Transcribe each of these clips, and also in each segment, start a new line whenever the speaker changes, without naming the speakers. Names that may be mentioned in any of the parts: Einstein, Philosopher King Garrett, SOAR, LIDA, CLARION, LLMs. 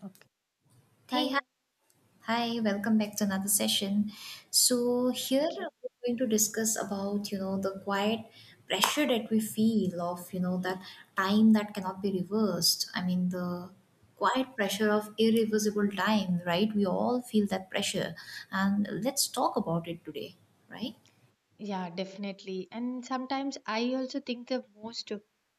Okay.
Hey,
Hi.
hi, welcome back to another session. So here
Thank you.
we're going to discuss about the quiet pressure that we feel of that time that cannot be reversed. I mean, the quiet pressure of irreversible time, right? We all feel that pressure. And let's talk about it today, right?
Yeah, definitely. And sometimes I also think the most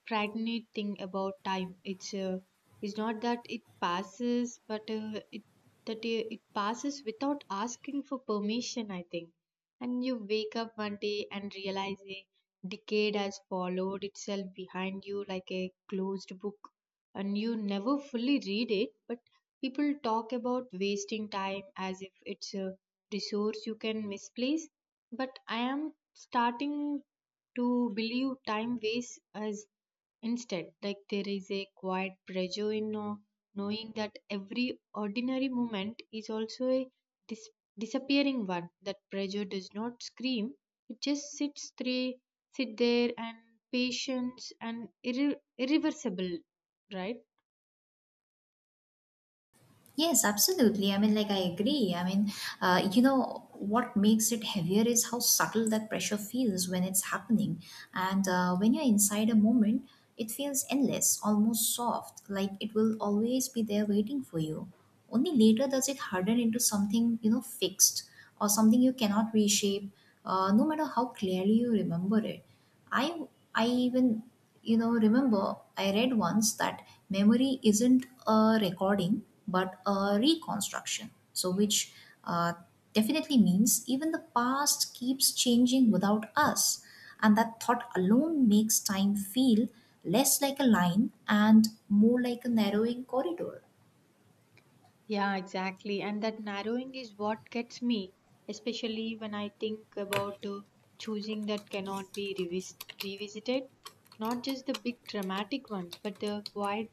frightening thing about time it's is not that it passes, but it passes without asking for permission. I think, and you wake up one day and realize a decade has followed itself behind you like a closed book, and you never fully read it. But people talk about wasting time as if it's a resource you can misplace, but I am starting to believe time waits as instead. Like there is a quiet pressure in knowing that every ordinary moment is also a dis- disappearing one. That pressure does not scream, it just sits, three, sit there and patience and irreversible, right?
Yes, absolutely. I mean, like, I agree. I mean, what makes it heavier is how subtle that pressure feels when it's happening. And when you're inside a moment, it feels endless, almost soft, like it will always be there waiting for you. Only later does it harden into something, fixed or something you cannot reshape, no matter how clearly you remember it. I I even remember I read once that memory isn't a recording but a reconstruction. So which uh, definitely means even the past keeps changing without us, and that thought alone makes time feel less like a line and more like a narrowing corridor.
Yeah, exactly. And that narrowing is what gets me, especially when I think about choosing that cannot be revisited. Not just the big dramatic ones, but the quiet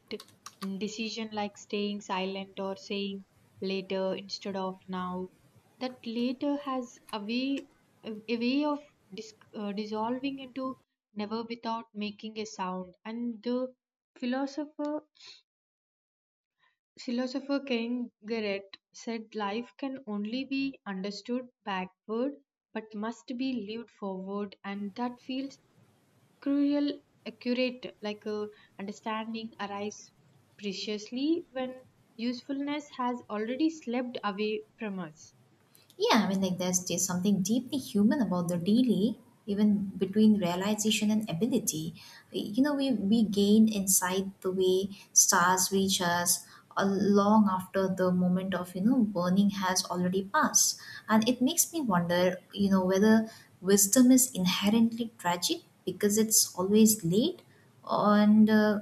decision like staying silent or saying later instead of now. That later has a way of dissolving into never without making a sound. And the philosopher Philosopher King Garrett said life can only be understood backward but must be lived forward, and that feels cruel accurate, like a understanding arises preciously when usefulness has already slept away from us.
Yeah, I mean, like there's just something deeply human about the delay, even between realization and ability. You know, we gain insight the way stars reach us long after the moment of, burning has already passed. And it makes me wonder, whether wisdom is inherently tragic because it's always late and uh,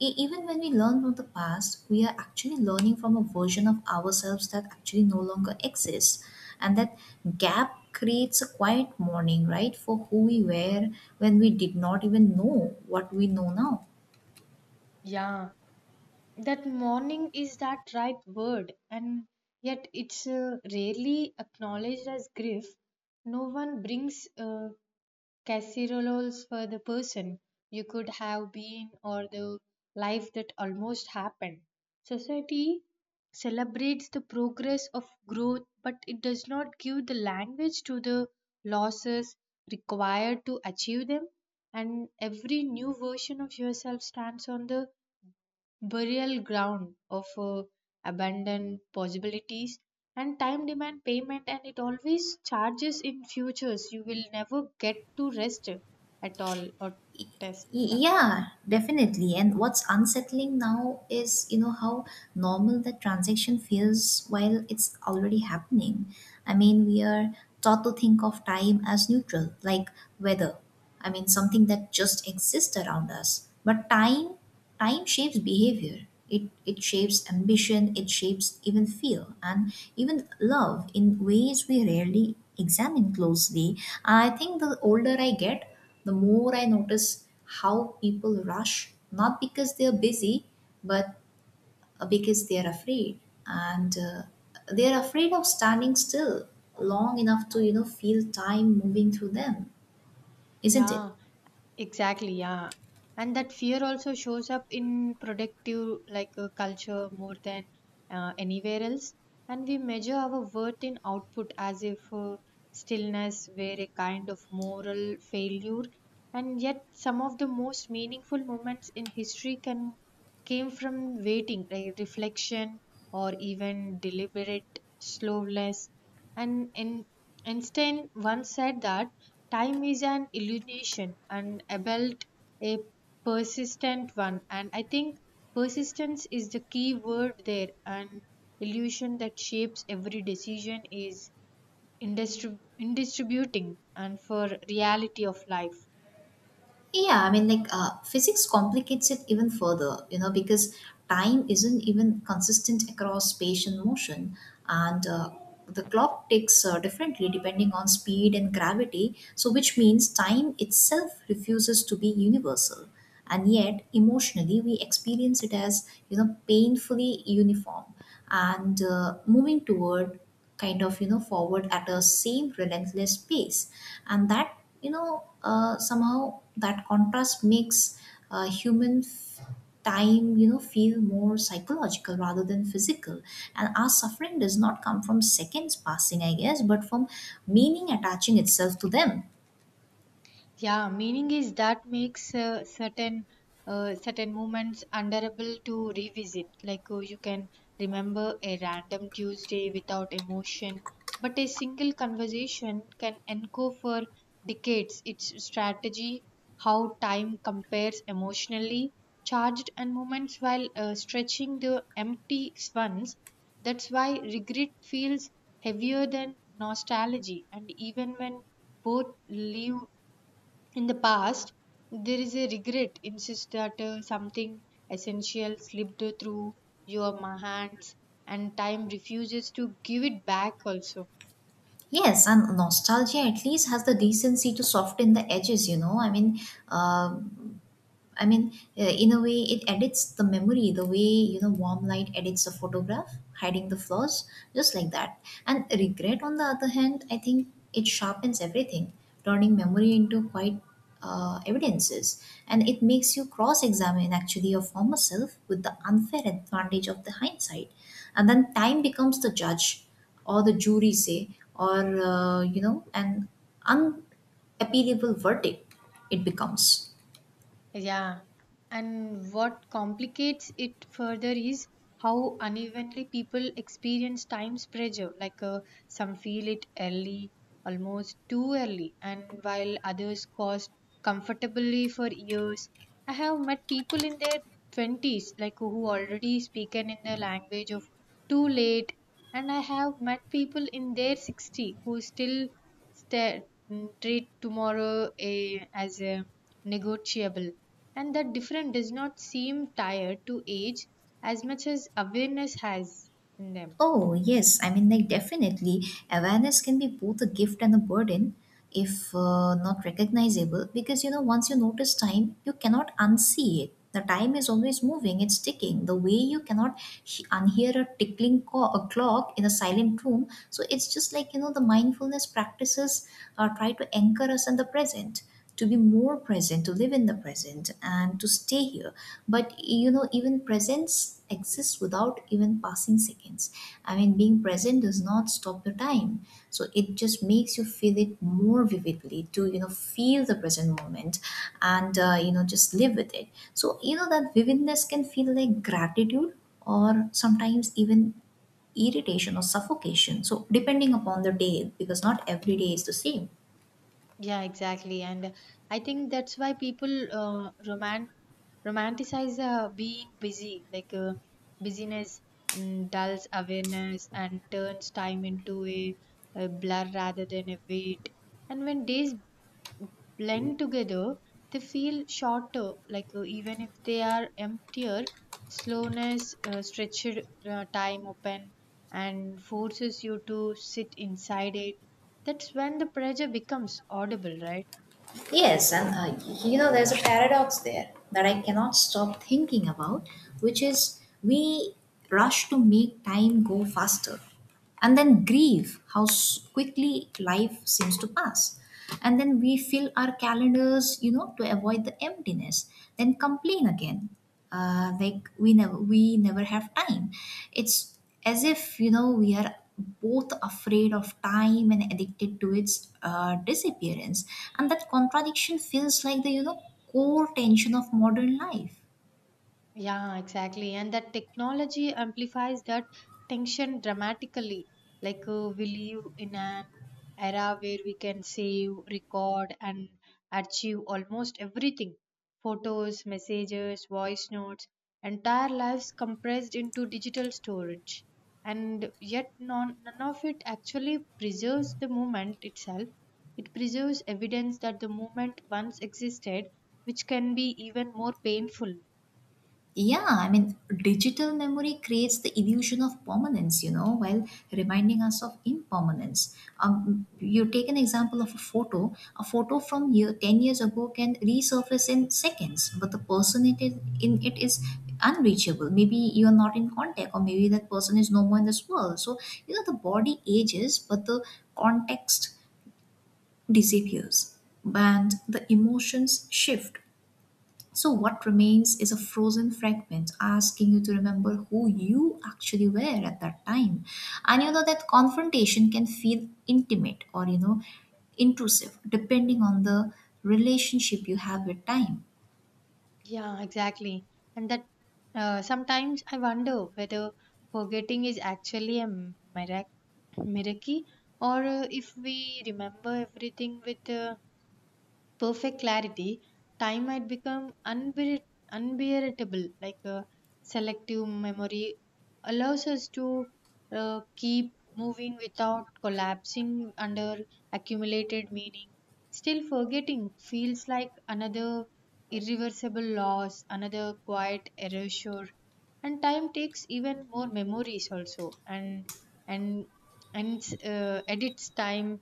E- even when we learn from the past, we are actually learning from a version of ourselves that actually no longer exists. And that gap creates a quiet mourning, right, for who we were when we did not even know what we know now.
Yeah, that mourning is that right word, and yet it's rarely acknowledged as grief. No one brings casseroles for the person you could have been or the life that almost happened. Society celebrates the progress of growth, but it does not give the language to the losses required to achieve them. And every new version of yourself stands on the burial ground of abandoned possibilities, and time demand payment, and it always charges in futures you will never get to rest at all or test.
Y-
Yeah,
Yeah, definitely. And what's unsettling now is, how normal the transaction feels while it's already happening. I mean, we are taught to think of time as neutral, like weather. I mean, something that just exists around us. But time shapes behavior, it it shapes ambition, it shapes even fear and even love in ways we rarely examine closely. I think the older I get, the more I notice how people rush, not because they're busy but because they're afraid. And they're afraid of standing still long enough to feel time moving through them, isn't it?
yeah. Exactly, yeah. And that fear also shows up in productive like culture more than anywhere else. And we measure our worth in output as if stillness were a kind of moral failure. And yet, some of the most meaningful moments in history can came from waiting, like reflection, or even deliberate slowness. And in Einstein once said that. Time is an illusion and a belt, a persistent one. And I think persistence is the key word there. An illusion that shapes every decision is indistributing and for reality of life.
Yeah, I mean, like physics complicates it even further, because time isn't even consistent across space and motion, and the clock ticks differently depending on speed and gravity. So, which means time itself refuses to be universal, and yet emotionally we experience it as painfully uniform and moving toward kind of forward at a same relentless pace. And that somehow that contrast makes human time feel more psychological rather than physical. And our suffering does not come from seconds passing, I guess, but from meaning attaching itself to them.
Yeah, meaning is that makes certain moments unbearable to revisit. Like you can remember a random Tuesday without emotion, but a single conversation can echo for decades. Its strategy, how time compares emotionally, charged and moments while stretching the empty ones. That's why regret feels heavier than nostalgia, and even when both leave in the past, there is a regret insists that something essential slipped through your hands, and time refuses to give it back also.
Yes, and nostalgia at least has the decency to soften the edges, uh, I mean, in a way, it edits the memory the way warm light edits a photograph, hiding the flaws, just like that. And regret, on the other hand, I think it sharpens everything, turning memory into quite evidences, and it makes you cross-examine actually your former self with the unfair advantage of the hindsight, and then time becomes the judge, or the jury say, or an unappealable verdict. It becomes.
Yeah, and what complicates it further is how unevenly people experience time's pressure. Like some feel it early, almost too early, and while others coast comfortably for years. I have met people in their 20s, like who already spoken in the language of too late, and I have met people in their 60 who still stare, treat tomorrow as a negotiable, and that difference does not seem tied to age as much as awareness has in them.
Oh, yes. I mean, like, definitely, awareness can be both a gift and a burden if not recognizable. Because, once you notice time, you cannot unsee it. The time is always moving, it's ticking. The way you cannot unhear a tickling a clock in a silent room. So it's just like, the mindfulness practices or try to anchor us in the present, to be more present, to live in the present and to stay here. But even presence exists without even passing seconds. I mean, being present does not stop your time, so it just makes you feel it more vividly, to feel the present moment and just live with it. So that vividness can feel like gratitude or sometimes even irritation or suffocation, so depending upon the day, because not every day is the same.
Yeah, exactly. And I think that's why people romanticize being busy, like busyness dulls awareness and turns time into a blur rather than a weight. And when days blend together, they feel shorter, like even if they are emptier, slowness, stretched time open, and forces you to sit inside it. That's when the pressure becomes audible, right?
Yes, and there's a paradox there that I cannot stop thinking about, which is we rush to make time go faster and then grieve how quickly life seems to pass. And then we fill our calendars, to avoid the emptiness, then complain again, like we never have time. It's as if we are both afraid of time and addicted to its disappearance, and that contradiction feels like the core tension of modern life.
Yeah, exactly. And that technology amplifies that tension dramatically. Like we live in an era where we can save, record, and archive almost everything: photos, messages, voice notes, entire lives compressed into digital storage. And yet, none of it actually preserves the moment itself. It preserves evidence that the moment once existed, which can be even more painful.
Yeah, I mean, digital memory creates the illusion of permanence, while reminding us of impermanence. You take an example of a photo. A photo from year, 10 years ago can resurface in seconds, but the person in it is unreachable. Maybe you are not in contact, or maybe that person is no more in this world. So, the body ages, but the context disappears and the emotions shift. So, what remains is a frozen fragment asking you to remember who you actually were at that time. And that confrontation can feel intimate or, intrusive depending on the relationship you have with time.
Yeah, exactly. And that sometimes I wonder whether forgetting is actually a mirac- miracle, or if we remember everything with perfect clarity, time might become unbearable. Like selective memory allows us to keep moving without collapsing under accumulated meaning. Still, forgetting feels like another irreversible loss, another quiet erasure. And time takes even more memories also, and and edits time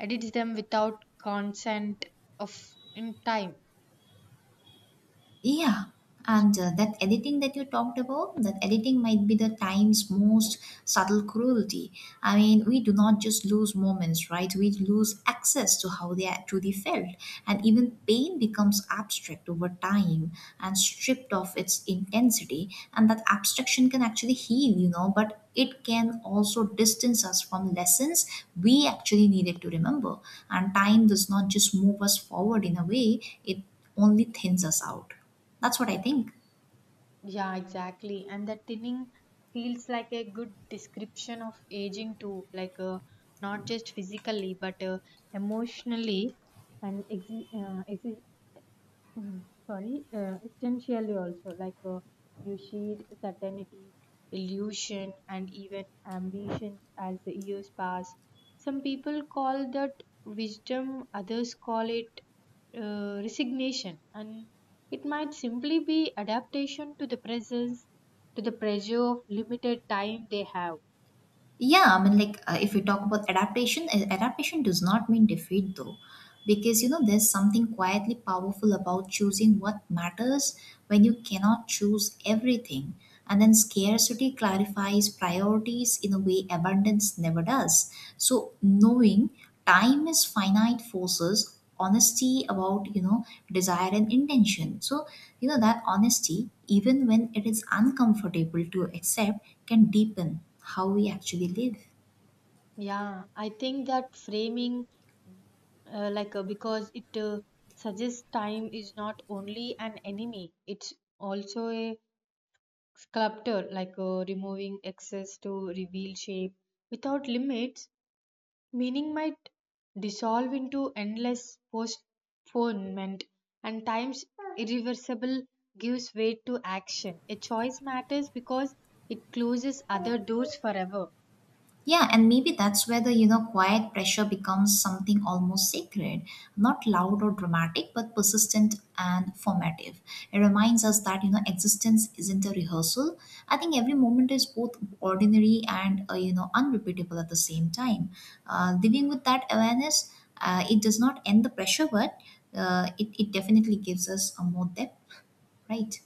edits them without consent of in time.
Yeah, and that editing that you talked about, that editing might be the time's most subtle cruelty. I mean, we do not just lose moments, right? We lose access to how they are truly felt. And even pain becomes abstract over time and stripped of its intensity. And that abstraction can actually heal, but it can also distance us from lessons we actually needed to remember. And time does not just move us forward in a way, it only thins us out. That's what I think.
Yeah, exactly, and that thinning feels like a good description of aging too, like not just physically but emotionally, and Mhm. Sorry, essentially also, like you see certainty, illusion, and even ambitions as the years pass. Some people call that wisdom, others call it resignation, and it might simply be adaptation to the presence, to the pressure of limited time they have.
Yeah, I mean, like if we talk about adaptation, adaptation does not mean defeat though, because there's something quietly powerful about choosing what matters when you cannot choose everything, and then scarcity clarifies priorities in a way abundance never does. So knowing time is finite forces honesty about desire and intention. So that honesty, even when it is uncomfortable to accept, can deepen how we actually live.
Yeah, I think that framing, like, because it suggests time is not only an enemy, it's also a sculptor, like removing excess to reveal shape. Without limits, meaning might dissolve into endless postponement, and time's irreversible gives way to action. A choice matters because it closes other doors forever.
Yeah, and maybe that's where the quiet pressure becomes something almost sacred, not loud or dramatic, but persistent and formative. It reminds us that existence isn't a rehearsal. I think every moment is both ordinary and unrepeatable at the same time. Living with that awareness, it does not end the pressure, but it definitely gives us a more depth, right?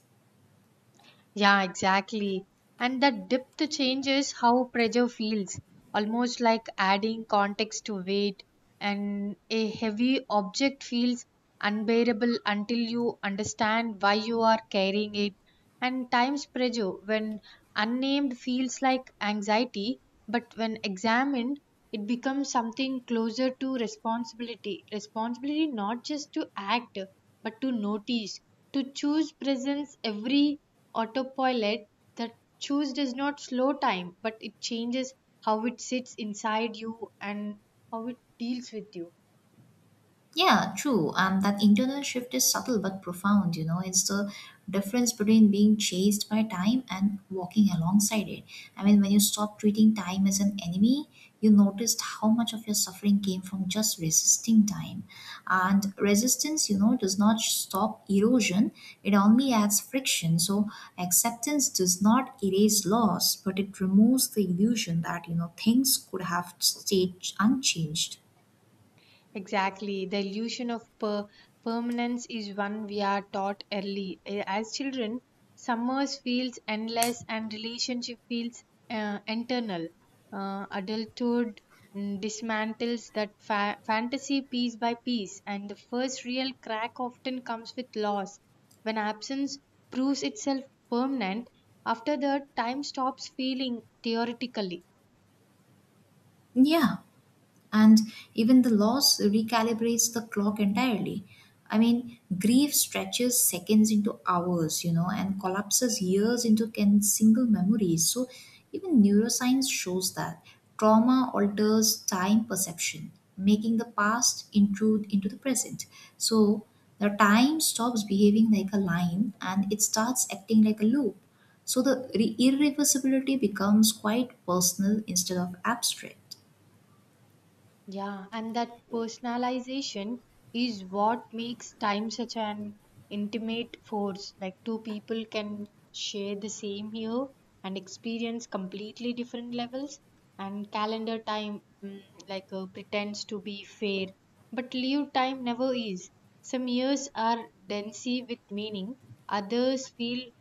Yeah, exactly. And that depth changes how pressure feels, almost like adding context to weight, and a heavy object feels unbearable until you understand why you are carrying it. And times pressure, when unnamed, feels like anxiety, but when examined, it becomes something closer to responsibility. Responsibility not just to act, but to notice, to choose presence every autopilot that choose does not slow time, but it changes how it sits inside you and how it deals with you.
Yeah, true. That internal shift is subtle but profound. It's the difference between being chased by time and walking alongside it. I mean, when you stop treating time as an enemy, you noticed how much of your suffering came from just resisting time. And resistance, does not stop erosion, it only adds friction. So, acceptance does not erase loss, but it removes the illusion that, things could have stayed unchanged.
Exactly. The illusion of permanence is one we are taught early. As children, summers feels endless and relationship feels internal. Adulthood dismantles that fantasy piece by piece, and the first real crack often comes with loss. When absence proves itself permanent, after that, time stops feeling theoretically.
Yeah. And even the loss recalibrates the clock entirely. I mean, grief stretches seconds into hours, and collapses years into can single memories. So, even neuroscience shows that trauma alters time perception, making the past intrude into the present. So, the time stops behaving like a line and it starts acting like a loop. So, the irreversibility becomes quite personal instead of abstract.
Yeah, and that personalization is what makes time such an intimate force. Like two people can share the same year and experience completely different levels. And calendar time, like pretends to be fair, but leave time never is. Some years are densely with meaning, others feel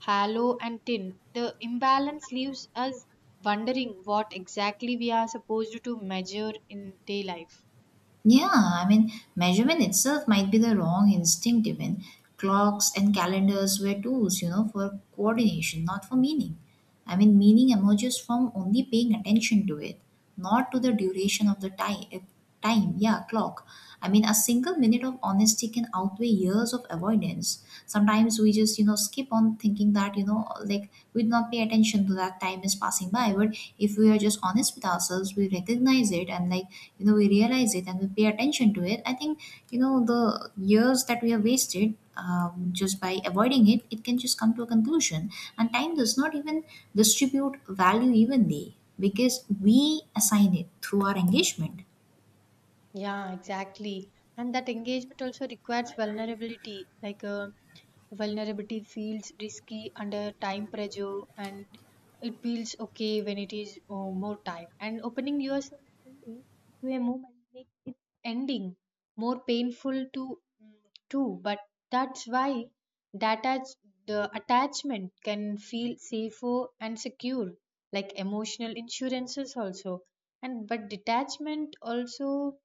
hollow and thin. The imbalance leaves us wondering what exactly we are supposed to measure in day life.
Yeah, I mean, measurement itself might be the wrong instinct, even. Clocks and calendars were tools, for coordination, not for meaning. I mean, meaning emerges from only paying attention to it, not to the duration of the time. Time, yeah, clock. I mean, a single minute of honesty can outweigh years of avoidance. Sometimes we just, skip on thinking that like we do not pay attention to that time is passing by. But if we are just honest with ourselves, we recognize it, and like we realize it, and we pay attention to it, I think. The years that we have wasted, um, just by avoiding it, it can just come to a conclusion. And time does not even distribute value evenly because we assign it through our engagement.
Yeah, exactly. And that engagement also requires vulnerability, like vulnerability feels risky under time pressure, and it feels okay when it is more time. And opening yourself fully to a moment makes its ending more painful to too. But that's why that attach- the attachment can feel safer and secure, like emotional insurances also. And but detachment also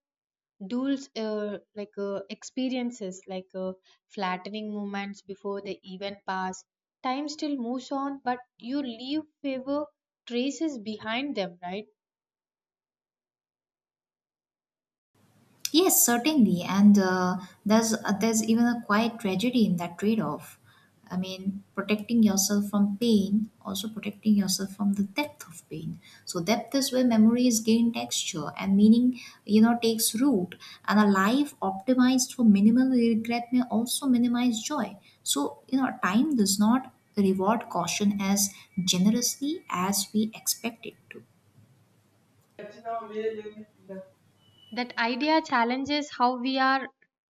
Duels, like experiences, like flattening moments before the event pass. Time still moves on, but you leave favor traces behind them, right?
Yes, certainly, and there's even a quiet tragedy in that trade-off. I mean, protecting yourself from pain, also protecting yourself from the depth of pain. So depth is where memories gain texture and meaning, takes root. And a life optimized for minimal regret may also minimize joy. So you know, time does not reward caution as generously as we expect it to.
That idea challenges how we are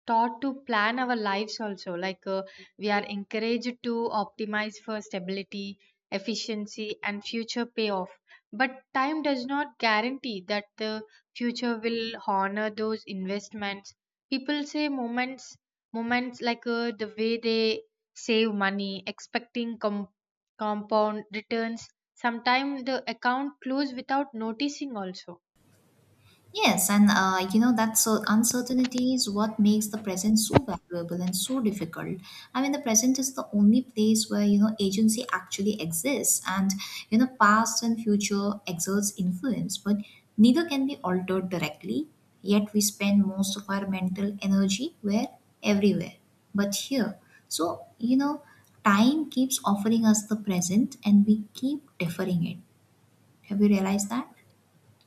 taught to plan our lives also. Like we are encouraged to optimize for stability, efficiency, and future payoff. But time does not guarantee that the future will honor those investments. People say moments like the way they save money, expecting compound returns. Sometimes the account close without noticing also.
Yes, and you know that so uncertainty is what makes the present so valuable and so difficult. I mean, the present is the only place where you know agency actually exists, and you know past and future exerts influence, but neither can be altered directly. Yet we spend most of our mental energy where everywhere, but here. So you know, time keeps offering us the present, and we keep deferring it. Have you realized that?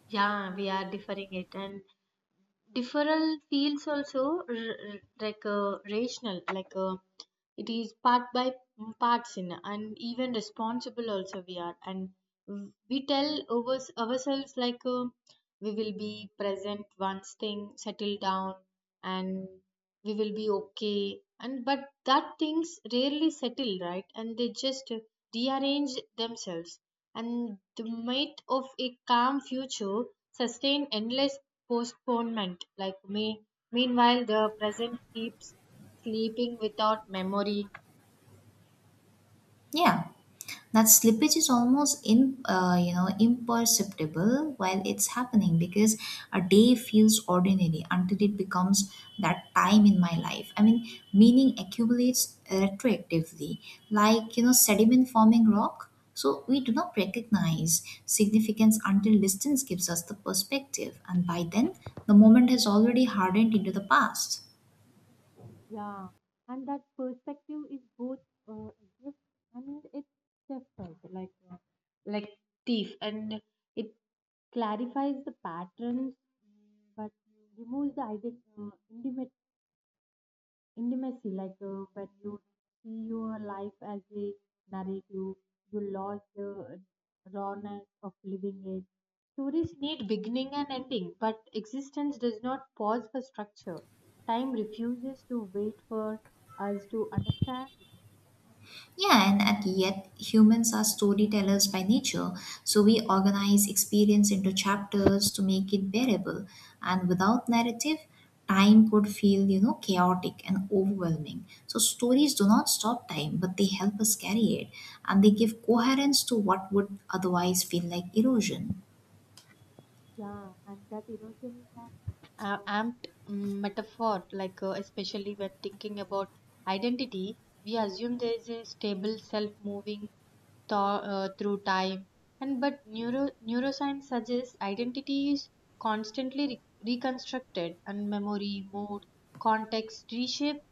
Yeah, we are differing it, and different feels also like rational, like. It is part by parts in, and even responsible also we are, and we tell over ourselves like we will be present once thing settle down, and we will be okay, and but that things rarely settle right, and they just rearrange themselves, and the myth of a calm future sustain endless postponement, like me, meanwhile the present keeps sleeping without memory.
Yeah. That slippage is almost in you know imperceptible while it's happening because a day feels ordinary until it becomes that time in my life. I mean meaning accumulates retroactively like you know sediment forming rock, so we do not recognize significance until distance gives us the perspective, and by then the moment has already hardened into the past.
Yeah, and that perspective is both uh, gift and it's different. Like, like thief, and it clarifies the patterns but removes the intimate intimacy, like when you see your life as a narrative, you lost the rawness of living it. Stories need beginning and ending, but existence does not pause for structure. Time refuses to wait for us to understand.
Yeah, and at yet humans are storytellers by nature, so we organize experience into chapters to make it bearable. And without narrative, time could feel, you know, chaotic and overwhelming. So stories do not stop time, but they help us carry it, and they give coherence to what would otherwise feel like erosion.
Yeah, and that erosion is an amped metaphor. Like especially when thinking about identity, we assume there is a stable self moving through time. And but neuroscience suggests identity is constantly reconstructed, and memory, mood, context reshape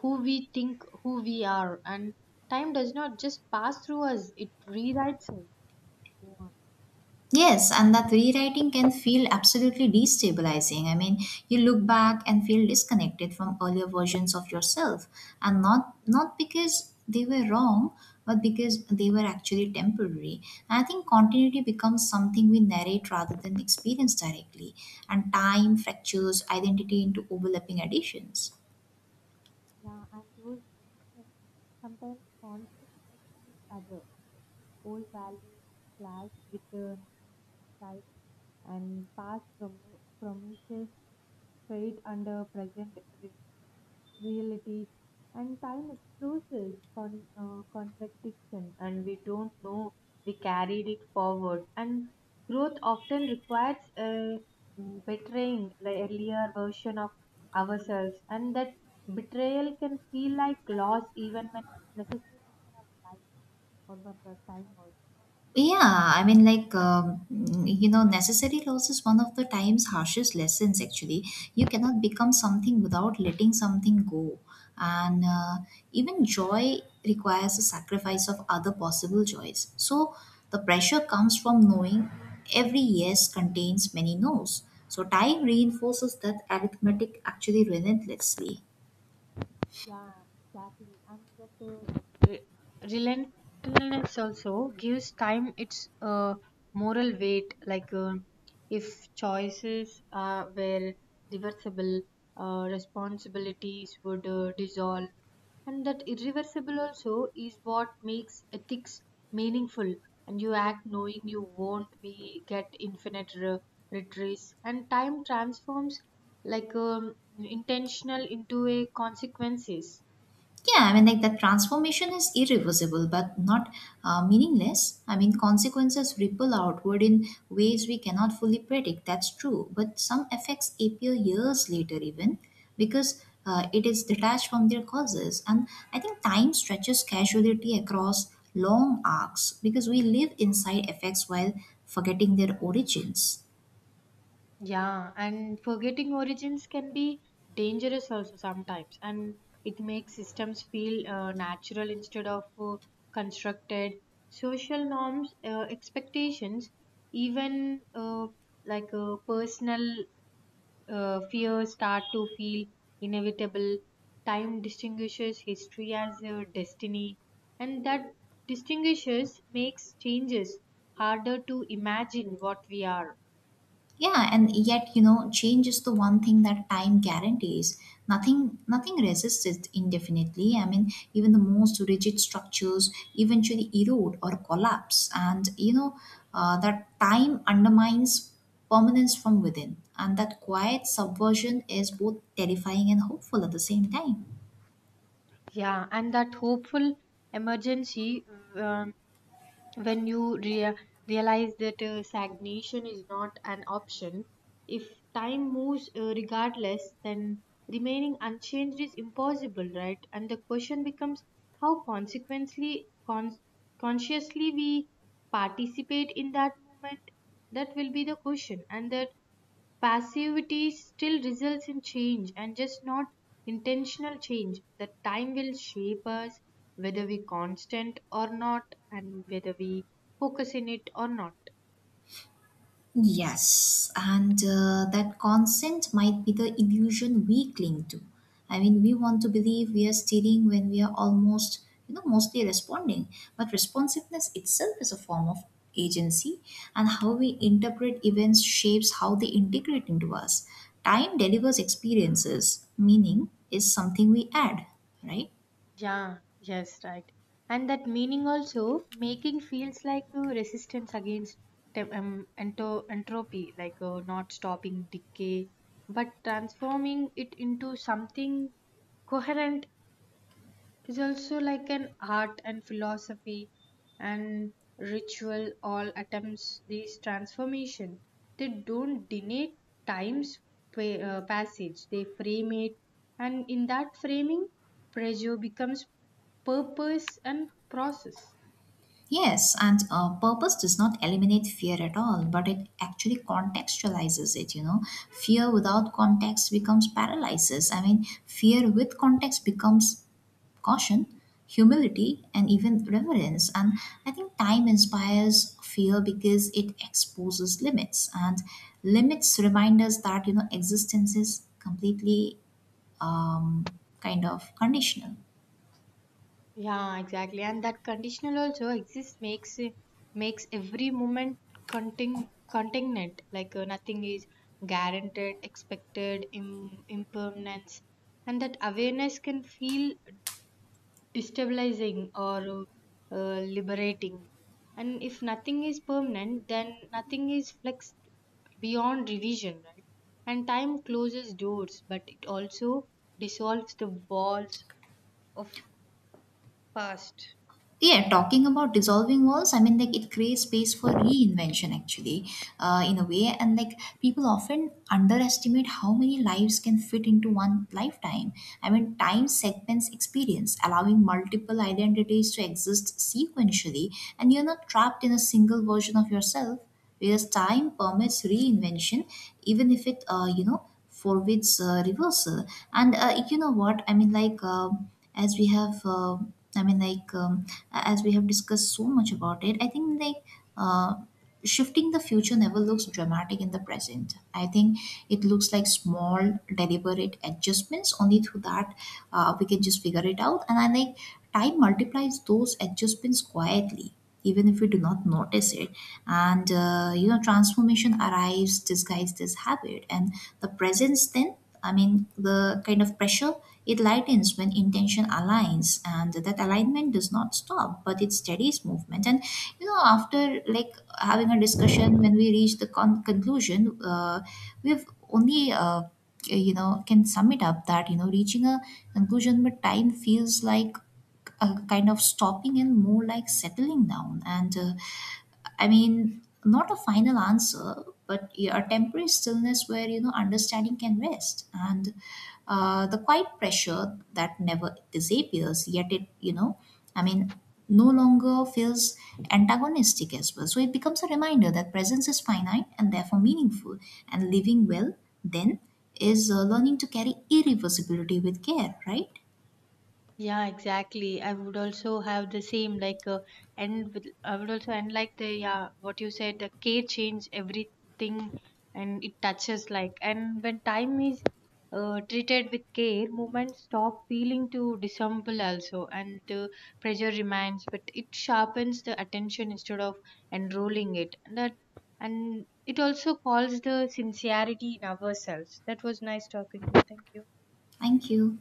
who we think who we are. And time does not just pass through us; it rewrites us.
Yes, and that rewriting can feel absolutely destabilizing. I mean, you look back and feel disconnected from earlier versions of yourself, and not because they were wrong, but because they were actually temporary. And I think continuity becomes something we narrate rather than experience directly, and time fractures identity into overlapping additions.
Yeah, and those traditions sometimes conflict with each other. Old values clash with the new insights, and past promises trade under present reality, and time exposes contradiction, and we don't know we carried it forward, and growth often requires a betraying the earlier version of ourselves, and that betrayal can feel like loss even when necessary for our life or for our time also.
Yeah, I mean, like, you know, necessary loss is one of the time's harshest lessons, actually. You cannot become something without letting something go. And even joy requires a sacrifice of other possible joys. So the pressure comes from knowing every yes contains many no's. So time reinforces that arithmetic actually relentlessly.
Yeah, exactly. And that re- relentlessness also gives time its moral weight. Like if choices were reversible, responsibilities would dissolve. And that irreversible also is what makes ethics meaningful. And you act knowing you won't be get infinite retrace. And time transforms like intentional into a consequences.
Yeah, I mean, like that transformation is irreversible but not meaningless. I mean, consequences ripple outward in ways we cannot fully predict. That's true. But some effects appear years later, even because it is detached from their causes. And I think time stretches causality across long arcs because we live inside effects while forgetting their origins.
Yeah, and forgetting origins can be dangerous also sometimes, and it makes systems feel natural instead of constructed. Social norms, expectations, even like personal fears start to feel inevitable. Time distinguishes history as a destiny, and that distinguishes makes changes harder to imagine what we are.
Yeah, and yet, you know, change is the one thing that time guarantees. Nothing resists it indefinitely. I mean, even the most rigid structures eventually erode or collapse. And you know, that time undermines permanence from within. And that quiet subversion is both terrifying and hopeful at the same time.
Yeah, and that hopeful emergency, um, when you realize that stagnation is not an option, if time moves regardless, then remaining unchanged is impossible, right? And the question becomes how consequently consciously we participate in that moment, that will be the question. And that passivity still results in change, and just not intentional change. The time will shape us whether we constant or not, and whether we focus in it or not.
Yes, and that consent might be the illusion we cling to. I mean, we want to believe we are steering when we are almost, you know, mostly responding. But responsiveness itself is a form of agency, and how we interpret events shapes how they integrate into us. Time delivers experiences, meaning is something we add, right?
Yeah, yes, right. And that meaning also making feels like resistance against entropy, like not stopping decay, but transforming it into something coherent. It's also like an art and philosophy and ritual all attempts these transformation. They don't deny time's passage. They frame it, and in that framing, pressure becomes purpose and process.
Yes, and purpose does not eliminate fear at all, but it actually contextualizes it. You know, fear without context becomes paralysis. I mean, fear with context becomes caution, humility, and even reverence. And I think time inspires fear because it exposes limits, and limits remind us that you know existence is completely kind of conditional.
Yeah, exactly. And that conditional also exists makes every moment contingent. Like nothing is guaranteed, expected, impermanence, and that awareness can feel destabilizing or liberating. And if nothing is permanent, then nothing is flexed beyond revision, right? And time closes doors, but it also dissolves the walls of past.
Yeah, talking about dissolving walls, I mean, like it creates space for reinvention actually, in a way. And like people often underestimate how many lives can fit into one lifetime. I mean, time segments experience, allowing multiple identities to exist sequentially, and you're not trapped in a single version of yourself because time permits reinvention, even if it you know forbids reversal. And you know what I mean, like as we have I mean like as we have discussed so much about it, I think like uh, shifting the future never looks dramatic in the present, I think. It looks like small deliberate adjustments. Only through that we can just figure it out, and I like time multiplies those adjustments quietly even if we do not notice it. And you know transformation arrives disguised as habit, and the presence then, I mean the kind of pressure, it lightens when intention aligns, and that alignment does not stop but it steadies movement. And you know after like having a discussion when we reach the conclusion, we've only you know can sum it up that you know reaching a conclusion with time feels like kind of stopping and more like settling down. And I mean, not a final answer, but yeah, a temporary stillness where you know understanding can rest, and the quiet pressure that never disappears. Yet it, you know, I mean, no longer feels antagonistic as well. So it becomes a reminder that presence is finite and therefore meaningful, and living well then is learning to carry irreversibility with care. Right?
Yeah, exactly. I would also have the same, like and with, I would also and like the yeah what you said, the care change everything, and it touches like, and when time is treated with care, movements stop feeling to dissemble also, and the pressure remains, but it sharpens the attention instead of enrolling it. And it also calls the sincerity in ourselves. That was nice talking to you. Thank you.
Thank you.